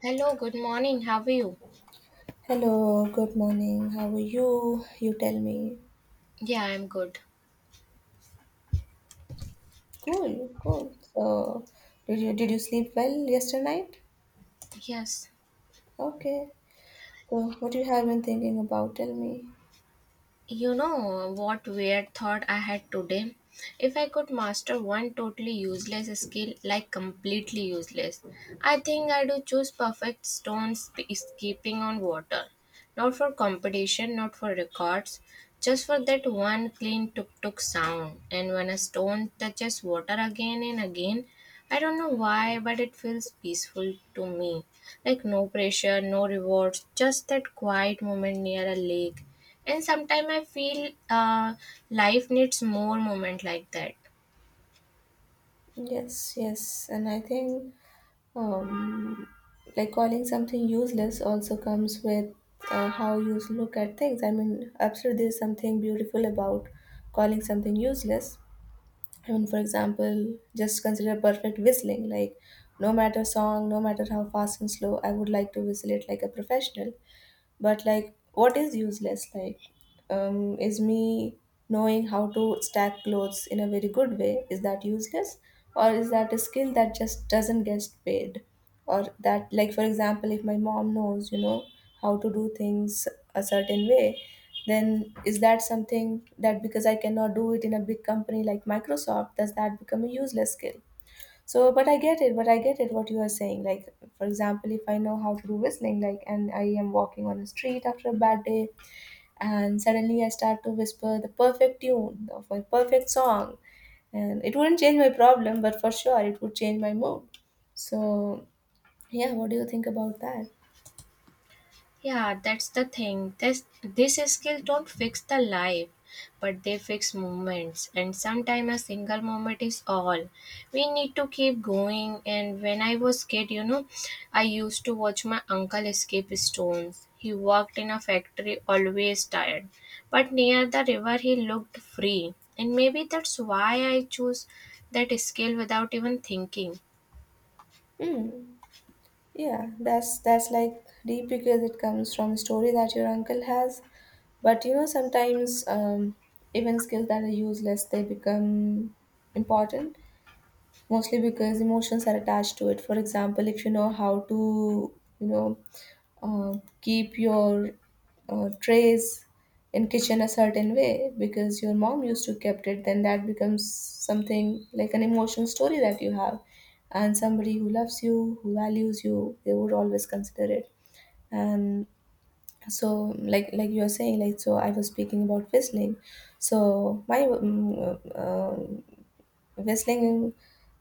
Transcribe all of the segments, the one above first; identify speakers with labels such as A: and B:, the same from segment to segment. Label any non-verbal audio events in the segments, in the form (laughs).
A: Hello, good morning. How are you?
B: Hello, good morning. How are you? You tell me.
A: Yeah, I'm good.
B: Cool, cool. So, did you sleep well yesterday night?
A: Yes.
B: Okay. So, what you have been thinking about? Tell me.
A: You know what weird thought I had today? If I could master one totally useless skill, like completely useless, I think I would choose perfect skipping on water. Not for competition, not for records, just for that one clean tuk tuk sound. And when a stone touches water again and again, I don't know why, but it feels peaceful to me. Like no pressure, no rewards, just that quiet moment near a lake, and sometimes I feel life needs more moment like that.
B: Yes, yes. And I think um, like calling something useless also comes with how you look at things. I mean, absolutely, there's something beautiful about calling something useless. I mean, for example, just consider perfect whistling. Like, no matter song, no matter how fast and slow, I would like to whistle it like a professional, but like what is useless, like is me knowing how to stack clothes in a very good way. Is that useless, or is that a skill that just doesn't get paid? Or that, like for example, if my mom knows, you know, how to do things a certain way, then is that something that, because I cannot do it in a big company like Microsoft, does that become a useless skill? So, but I get it, but I get it what you are saying. Like, for example, if I know how to do whistling, like, and I am walking on the street after a bad day, and suddenly I start to whisper the perfect tune of my perfect song, and it wouldn't change my problem, but for sure it would change my mood. So, yeah, what do you think about that?
A: Yeah, that's the thing, this skill don't fix the life, but they fix moments, and sometimes a single moment is all we need to keep going. And when I was kid, I used to watch my uncle escape stones. He worked in a factory, always tired, but near the river he looked free. And maybe that's why I choose that skill without even thinking.
B: Hmm. Yeah, that's like deep because it comes from a story that your uncle has. But you know, sometimes even skills that are useless they become important, mostly because emotions are attached to it. For example, if you know how to, you know, keep your trays in kitchen a certain way because your mom used to kept it, then that becomes something like an emotional story that you have, and somebody who loves you, who values you, they would always consider it. And so like you are saying, like, so I was speaking about whistling. So my whistling.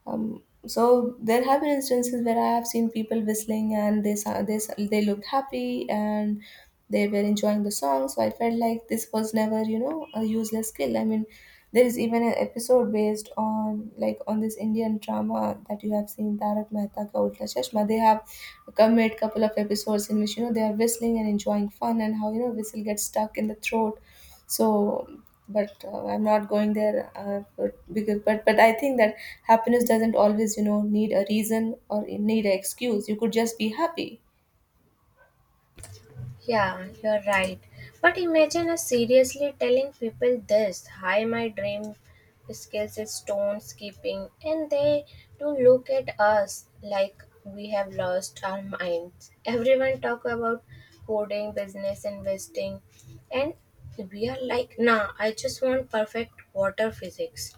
B: So there have been instances where I have seen people whistling, and they looked happy and they were enjoying the song. So I felt like this was never, you know, a useless skill. I mean, there is even an episode based on, like on this Indian drama that you have seen, Tarak Mehta Ka Ulta Chashma. They have come made couple of episodes in which, you know, they are whistling and enjoying fun and how, you know, whistle gets stuck in the throat. So, but I'm not going there, but, because but I think that happiness doesn't always, you know, need a reason or need an excuse. You could just be happy.
A: Yeah, you're right. But imagine us seriously telling people this: hi, my dream skills is stone skipping, and they do look at us like we have lost our minds. Everyone talk about coding, business, investing, and we are like, nah, I just want perfect water physics.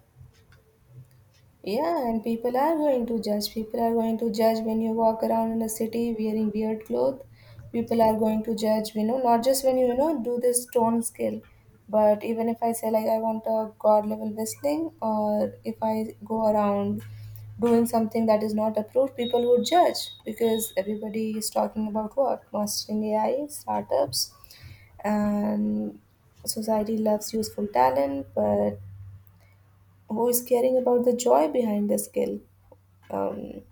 B: Yeah, and people are going to judge. People are going to judge when you walk around in a city wearing weird clothes. People are going to judge, you know, not just when you know, do this tone skill, but even if I say, like, I want a God level whistling, or if I go around doing something that is not approved, people would judge, because everybody is talking about what? Mastering AI, startups, and society loves useful talent, but who is caring about the joy behind the skill? um,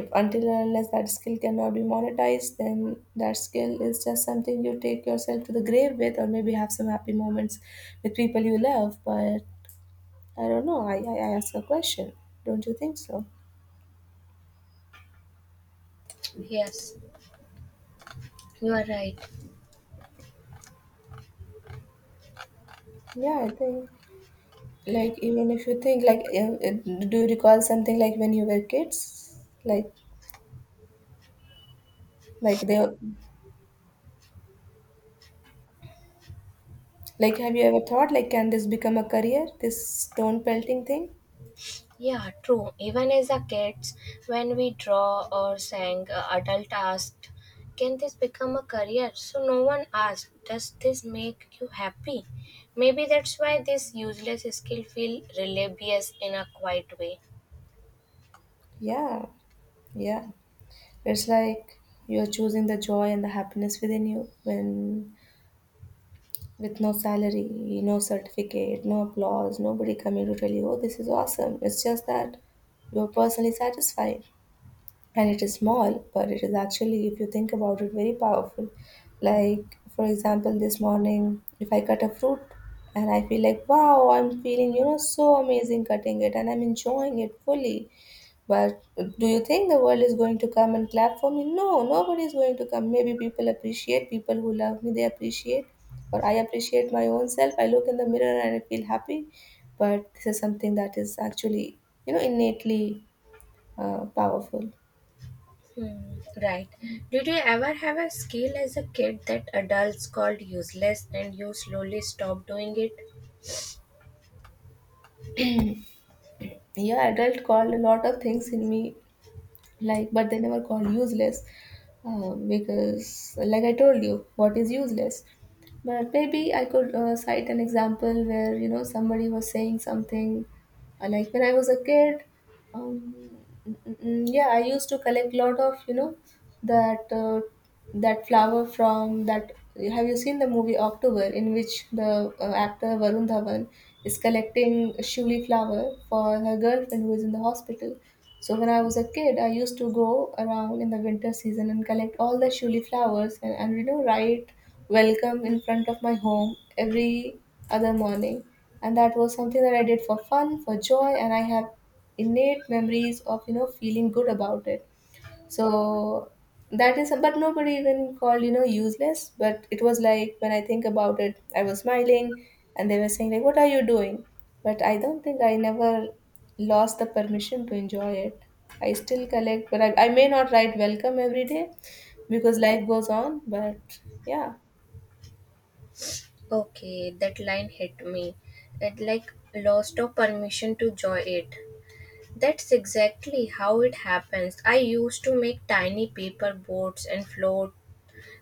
B: if until and unless that skill cannot be monetized, then that skill is just something you take yourself to the grave with, or maybe have some happy moments with people you love. But I don't know. I ask a question, don't you think so?
A: Yes, you are right.
B: Yeah, I think, like even if you think, like do you recall something, like when you were kids, like they like have you ever thought, like can this become a career, this stone pelting thing?
A: Yeah, true. Even as a kids, when we draw or sang, adult asked, "Can this become a career?" So no one asked, "Does this make you happy?" Maybe that's why this useless skill feel rebellious in a quiet way.
B: Yeah, yeah. It's like you're choosing the joy and the happiness within you, when with no salary, no certificate, no applause, nobody coming to tell you, oh, this is awesome. It's just that you're personally satisfied. And it is small, but it is actually, if you think about it, very powerful. Like, for example, this morning, if I cut a fruit and I feel like, wow, I'm feeling, you know, so amazing cutting it and I'm enjoying it fully. But do you think the world is going to come and clap for me? No, nobody is going to come. Maybe people appreciate, people who love me, they appreciate, or I appreciate my own self. I look in the mirror and I feel happy. But this is something that is actually, you know, innately powerful.
A: Hmm, right. Did you ever have a skill as a kid that adults called useless and you slowly stopped doing it?
B: Yeah, adult called a lot of things in me, like, but they never called useless. Because, like I told you, what is useless? But maybe I could cite an example where, you know, somebody was saying something, like when I was a kid. Um, yeah, I used to collect lot of, you know, that that flower from that. Have you seen the movie October, in which the actor Varun Dhawan is collecting shuli flower for her girlfriend who is in the hospital? So when I was a kid, I used to go around in the winter season and collect all the shuli flowers, and you know, write welcome in front of my home every other morning. And that was something that I did for fun, for joy, and I have innate memories of, you know, feeling good about it. So that is, but nobody even called, you know, useless. But it was like when I think about it, I was smiling, and they were saying, like, what are you doing? But I don't think I never lost the permission to enjoy it. I still collect, but I may not write welcome every day because life goes on. But yeah.
A: Okay, that line hit me. It like lost all permission to joy it. That's exactly how it happens. I used to make tiny paper boats and float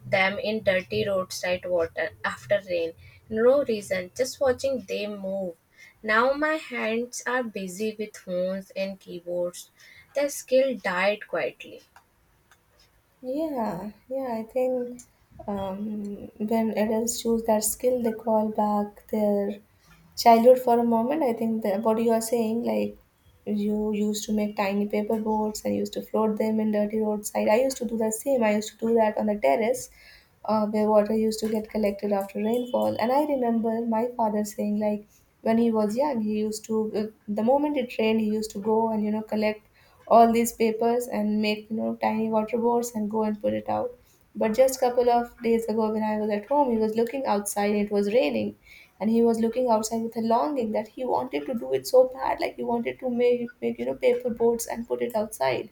A: them in dirty roadside water after rain. No reason, just watching them move. Now my hands are busy with phones and keyboards. The skill died quietly.
B: Yeah, yeah, I think when adults choose that skill, they call back their childhood for a moment. I think that what you are saying, like, you used to make tiny paper boats and used to float them in dirty roadside. I used to do the same. I used to do that on the terrace where water used to get collected after rainfall. And I remember my father saying, like, when he was young, he used to, the moment it rained, he used to go and, you know, collect all these papers and make, you know, tiny water boards and go and put it out. But just couple of days ago, when I was at home, he was looking outside and it was raining. And he was looking outside with a longing that he wanted to do it so bad, like he wanted to make, make, you know, paper boards and put it outside,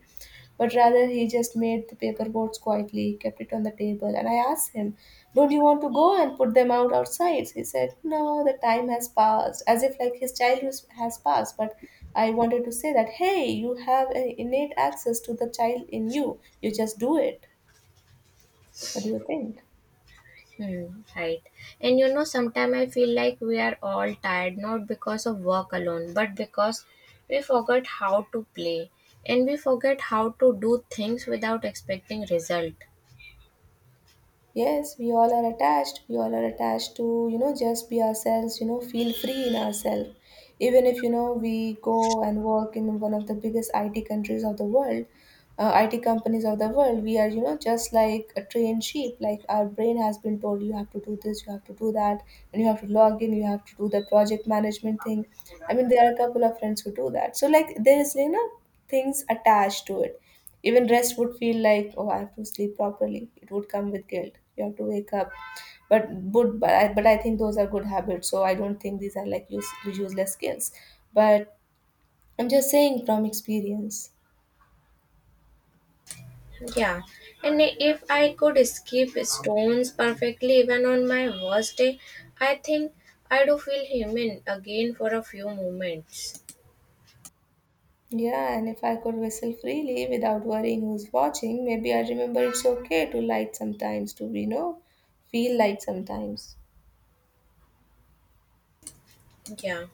B: but rather, he just made the paper boats quietly, kept it on the table, and I asked him, don't you want to go and put them out outside? He said, no, the time has passed, as if like his childhood has passed. But I wanted to say that, hey, you have an innate access to the child in you, you just do it. What do you think?
A: Hmm, right. And you know, sometimes I feel like we are all tired, not because of work alone, but because we forgot how to play and we forget how to do things without expecting result.
B: Yes, we all are attached. We all are attached to, you know, just be ourselves, you know, feel free in ourselves. Even if, you know, we go and work in one of the biggest IT countries of the world, IT companies of the world, we are, you know, just like a trained sheep. Like our brain has been told, you have to do this, you have to do that, and you have to log in, you have to do the project management thing. I mean, there are a couple of friends who do that. So, like, there is, you know, things attached to it. Even rest would feel like, oh, I have to sleep properly. It would come with guilt. You have to wake up. But I think those are good habits. So I don't think these are like, use, useless skills. But I'm just saying from experience.
A: Yeah, and if I could skip stones perfectly even on my worst day, I think I do feel human again for a few moments.
B: Yeah, and if I could whistle freely without worrying who's watching, maybe I remember it's okay to light sometimes, to, you know, feel light sometimes.
A: Yeah.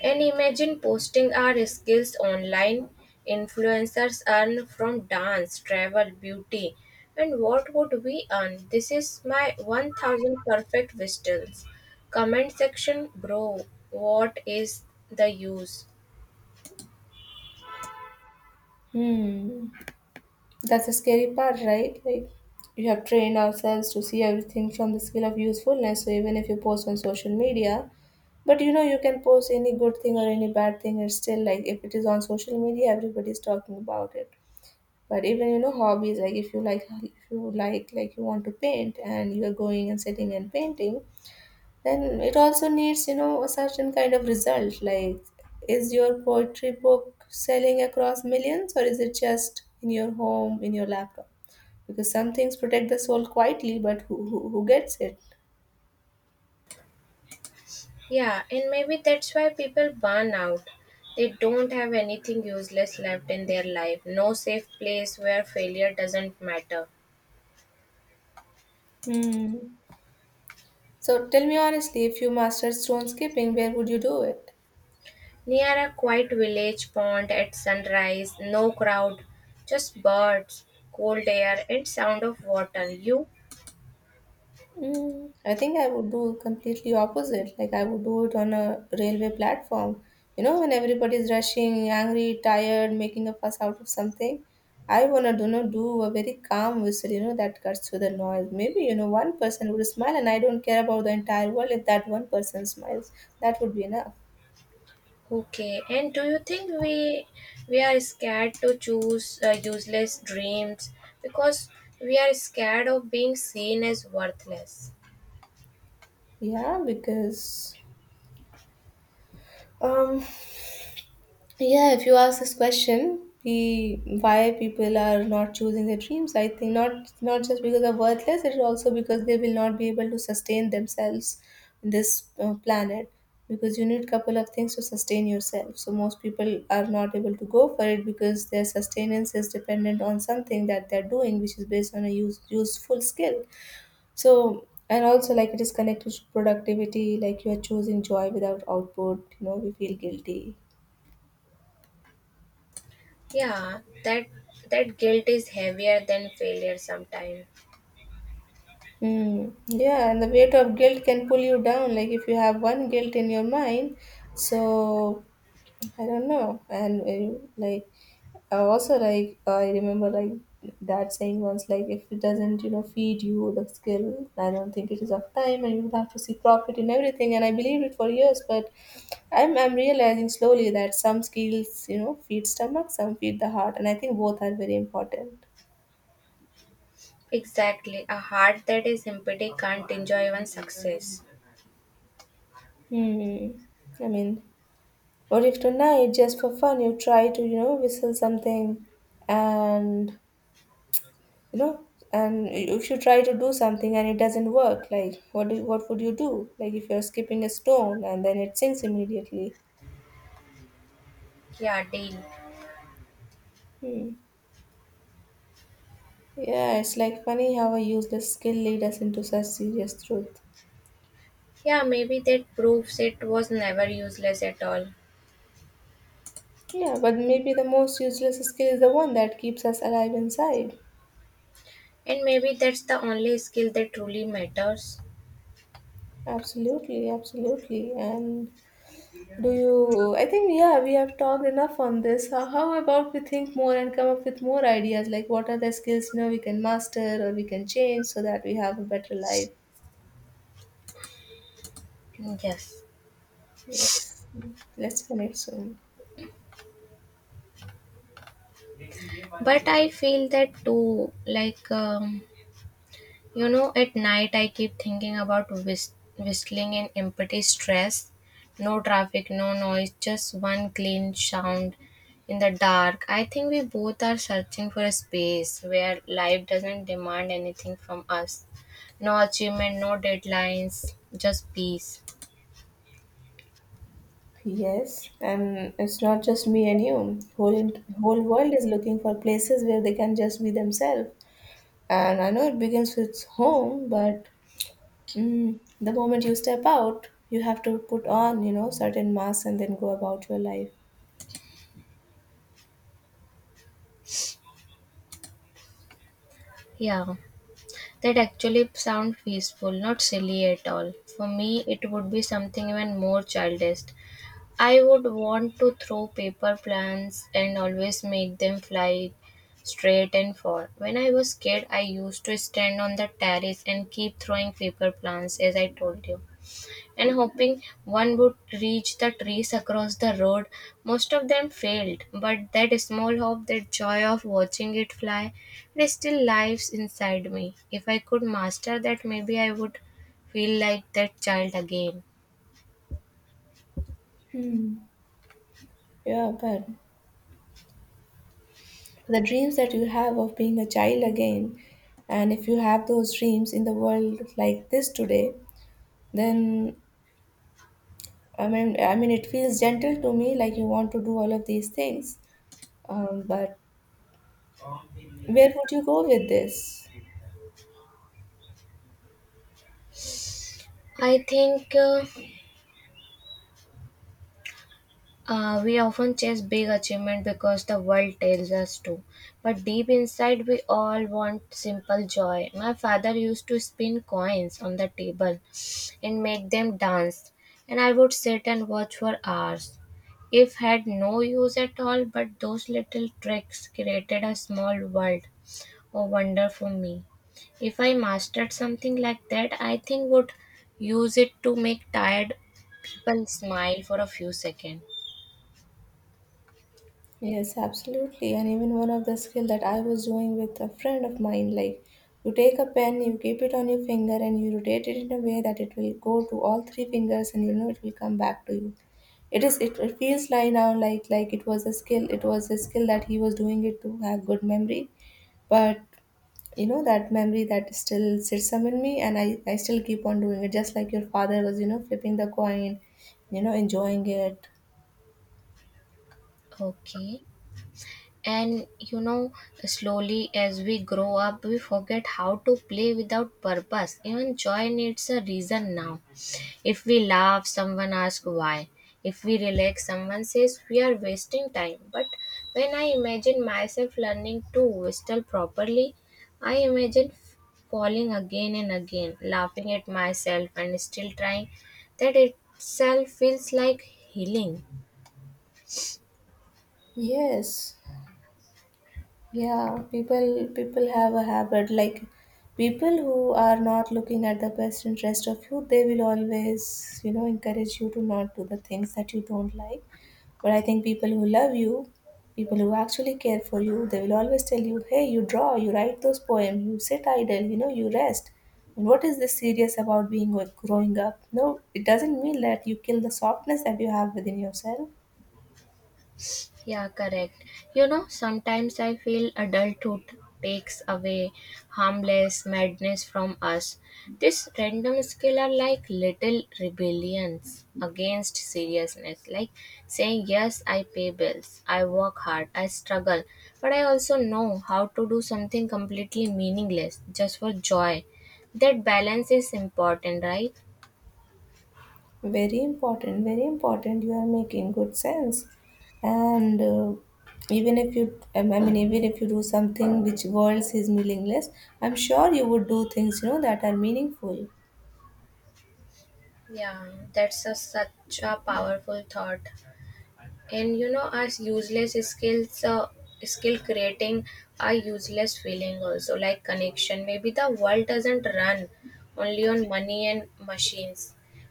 A: And imagine posting our skills online. Influencers earn from dance, travel, beauty. And what would we earn? This is my 1000 perfect whistles. Comment section, bro, what is the use?
B: Hmm. That's the scary part, right? Like we have trained ourselves to see everything from the scale of usefulness. So even if you post on social media, but you know, you can post any good thing or any bad thing, it's still like if it is on social media, everybody's talking about it. But even, you know, hobbies, like if you like, if you like you want to paint and you are going and sitting and painting, then it also needs, you know, a certain kind of result. Like, is your poetry book selling across millions, or is it just in your home, in your laptop? Because some things protect the soul quietly, but who gets it?
A: Yeah, and maybe that's why people burn out. They don't have anything useless left in their life. No safe place where failure doesn't matter.
B: Hmm. So tell me honestly, if you mastered stone skipping, where would you do it?
A: Near a quiet village pond at sunrise, no crowd, just birds, cold air, and sound of water. You
B: Mm, I think I would do completely opposite. Like I would do it on a railway platform. You know, when everybody's rushing, angry, tired, making a fuss out of something, I wanna do not do a very calm whistle. You know, that cuts through the noise. Maybe you know one person would smile, and I don't care about the entire world if that one person smiles. That would be enough.
A: okay? And do you think we are scared to choose useless dreams because we are scared of being seen as worthless?
B: Yeah, because um. Yeah, if you ask this question, the why people are not choosing their dreams, I think not just because they're worthless, it's also because they will not be able to sustain themselves in this planet. Because you need couple of things to sustain yourself. So most people are not able to go for it because their sustenance is dependent on something that they're doing, which is based on a useful skill. So and also like it is connected to productivity, like you are choosing joy without output. You know, we feel guilty.
A: Yeah, that guilt is heavier than failure sometimes.
B: Mm, yeah, and the weight of guilt can pull you down. Like if you have one guilt in your mind, so I don't know. And like I also like I remember like that saying once like if it doesn't you know feed you the skill, I don't think it is of time, and you will have to see profit in everything. And I believed it for years, but I'm realizing slowly that some skills you know feed stomach, some feed the heart, and I think both are very important.
A: Exactly, a heart that is empty can't enjoy even success.
B: Hmm. I mean, or if tonight, just for fun, you try to, you know, whistle something and, you know, and if you try to do something and it doesn't work, like what do, what would you do? Like if you're skipping a stone and then it sinks immediately.
A: Yeah, deal.
B: Hmm. Yeah, it's like funny how a useless skill leads us into such serious truth.
A: Yeah, maybe that proves it was never useless at all.
B: Yeah, but maybe the most useless skill is the one that keeps us alive inside.
A: And maybe that's the only skill that truly matters.
B: Absolutely, absolutely. And do you? I think yeah, we have talked enough on this. How about we think more and come up with more ideas? Like what are the skills you know we can master or we can change so that we have a better life?
A: Yes.
B: Yes, let's connect soon.
A: But I feel that too. Like, you know, at night I keep thinking about whistling and empty stress. No traffic, no noise, just one clean sound in the dark. I think we both are searching for a space where life doesn't demand anything from us. No achievement, no deadlines, just peace.
B: Yes, and it's not just me and you. Whole in, whole world is looking for places where they can just be themselves. And I know it begins with home, but mm, the moment you step out, you have to put on you know certain masks and then go about your life.
A: Yeah, that actually sound peaceful, not silly at all. For me, it would be something even more childish. I would want to throw paper plans and always make them fly straight and far. When I was kid, I used to stand on the terrace and keep throwing paper plants, as I told you, and hoping one would reach the trees across the road. Most of them failed, but that small hope, that joy of watching it fly, it still lives inside me. If I could master that, maybe I would feel like that child again.
B: Hmm. Yeah, but the dreams that you have of being a child again, and if you have those dreams in the world like this today, then I mean, it feels gentle to me, like you want to do all of these things. But where would you go with this?
A: I think we often chase big achievement because the world tells us to, but deep inside we all want simple joy. My father used to spin coins on the table and make them dance, and I would sit and watch for hours. If had no use at all, but those little tricks created a small world or wonder for me. If I mastered something like that, I think would use it to make tired people smile for a few seconds.
B: Yes, absolutely. And even one of the skill that I was doing with a friend of mine, like you take a pen, you keep it on your finger, and you rotate it in a way that it will go to all three fingers, and you know it will come back to you. It is. It feels like now, like it was a skill. It was a skill that he was doing it to have good memory, but you know that memory that still sits up in me, and I still keep on doing it, just like your father was, you know, flipping the coin, you know, enjoying it.
A: Okay. And you know, slowly as we grow up, we forget how to play without purpose. Even joy needs a reason now. If we laugh, someone asks why. If we relax, someone says we are wasting time. But when I imagine myself learning to whistle properly, I imagine falling again and again, laughing at myself and still trying. That itself feels like healing.
B: Yes. Yeah, people have a habit like people who are not looking at the best interest of you, they will always, you know, encourage you to not do the things that you don't like. But I think people who love you, people who actually care for you, they will always tell you, "Hey, you draw, you write those poems, you sit idle, you know, you rest." And what is this serious about being growing up? No, it doesn't mean that you kill the softness that you have within yourself.
A: Yeah, correct. You know, sometimes I feel adulthood takes away harmless madness from us. This random skill are like little rebellions against seriousness, like saying, yes, I pay bills, I work hard, I struggle, but I also know how to do something completely meaningless just for joy. That balance is important, right?
B: Very important, very important, you are making good sense. And even if you I mean even if you do something which world is meaningless, I'm sure you would do things you know that are meaningful.
A: Yeah, that's a, such a powerful thought. And you know, as useless skills, skill creating are useless feeling also like connection. Maybe the world doesn't run only on money and machines.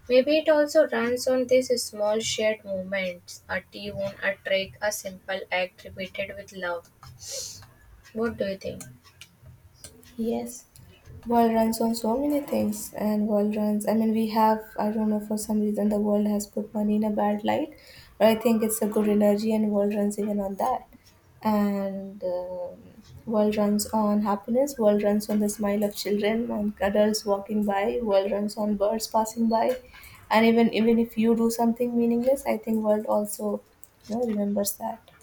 A: Maybe it also runs on these small shared movements, a tune, a trick, a simple act repeated with love. What do you think?
B: Yes, world runs on so many things, and world runs. I mean, we have. I don't know for some reason the world has put money in a bad light, but I think it's a good energy, and world runs even on that. And World runs on happiness. World runs on the smile of children, on adults walking by. World runs on birds passing by, and even if you do something meaningless, I think world also, you know, remembers that.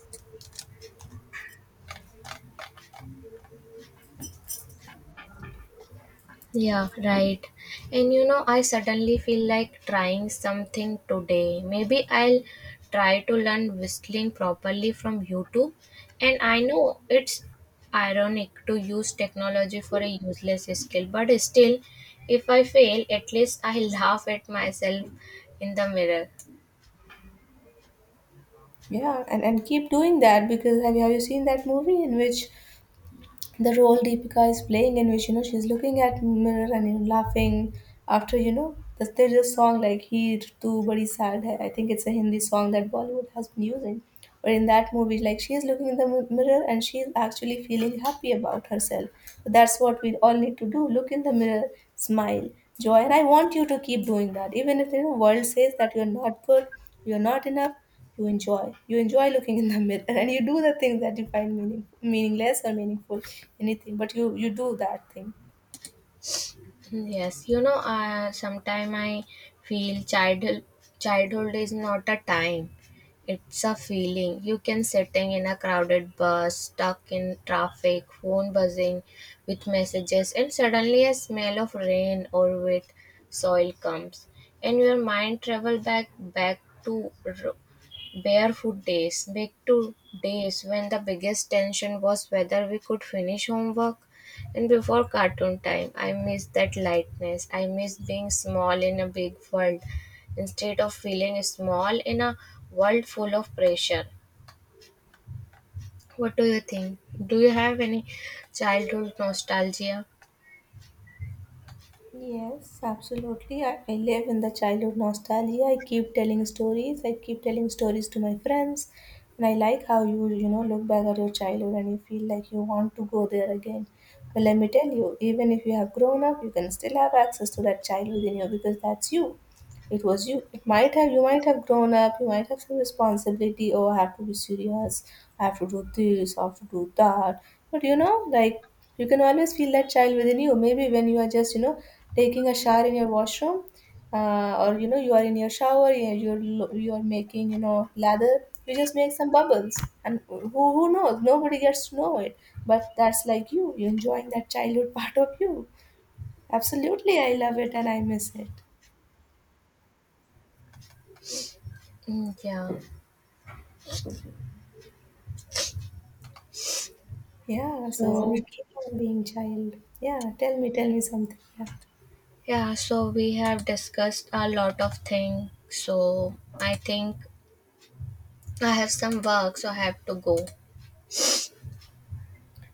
A: Yeah, right. And you know, I suddenly feel like trying something today. Maybe I'll try to learn whistling properly from YouTube. And I know it's ironic to use technology for a useless skill, but still, if I fail, at least I (laughs) laugh at myself in the mirror.
B: Yeah, and keep doing that because have you seen that movie in which the role Deepika is playing in which you know she's looking at mirror and you know, laughing after you know there's a song like "Heer Tu Badi Sad Hai." I think it's a Hindi song that Bollywood has been using. But in that movie, like she is looking in the mirror and she is actually feeling happy about herself. So that's what we all need to do: look in the mirror, smile, joy. And I want you to keep doing that, even if the you know, world says that you're not good, you're not enough, you enjoy. You enjoy looking in the (laughs) mirror and you do the things that you find meaningless or meaningful, anything, but you do that thing.
A: Yes, you know, sometime I feel childhood is not a time. It's a feeling. You can sitting in a crowded bus, stuck in traffic, phone buzzing with messages, and suddenly a smell of rain or wet soil comes, and your mind travel barefoot days, back to days when the biggest tension was whether we could finish homework and before cartoon time. I miss that lightness. I miss being small in a big world instead of feeling small in a world full of pressure. What do you think? Do you have any childhood nostalgia?
B: Yes, absolutely. I live in the childhood nostalgia. I keep telling stories. I keep telling stories to my friends. And I like how you, you know, look back at your childhood and you feel like you want to go there again. But let me tell you, even if you have grown up, you can still have access to that child within you because that's you. It was you. It might have, you might have grown up, you might have some responsibility. Oh, I have to be serious, I have to do this, I have to do that. But you know, like, you can always feel that child within you. Maybe when you are just, you know, taking a shower in your washroom, or you know, you are in your shower, you're, you're making, you know, lather, you just make some bubbles. And who knows? Nobody gets to know it. But that's like you, you're enjoying that childhood (laughs) part of you. Absolutely, I love it and I miss it.
A: Mm, yeah.
B: Yeah, so
A: So,
B: we keep on being child. Yeah, tell me something. Yeah.
A: yeah, so we have discussed a lot of things. So, I think I have some work, so I have to go.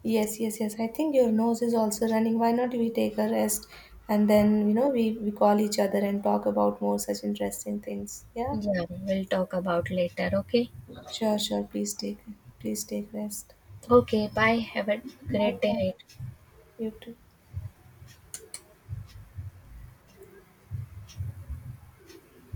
B: Yes, yes, yes. I think your nose is also running. Why not we take a rest and then, you know, we call each other and talk about more such interesting things. Yeah.
A: Yeah, we'll talk about later, okay?
B: Sure, sure. Please take rest. Yeah.
A: Okay, bye. Have a
B: Bye
A: great
B: bye.
A: day.
B: You too.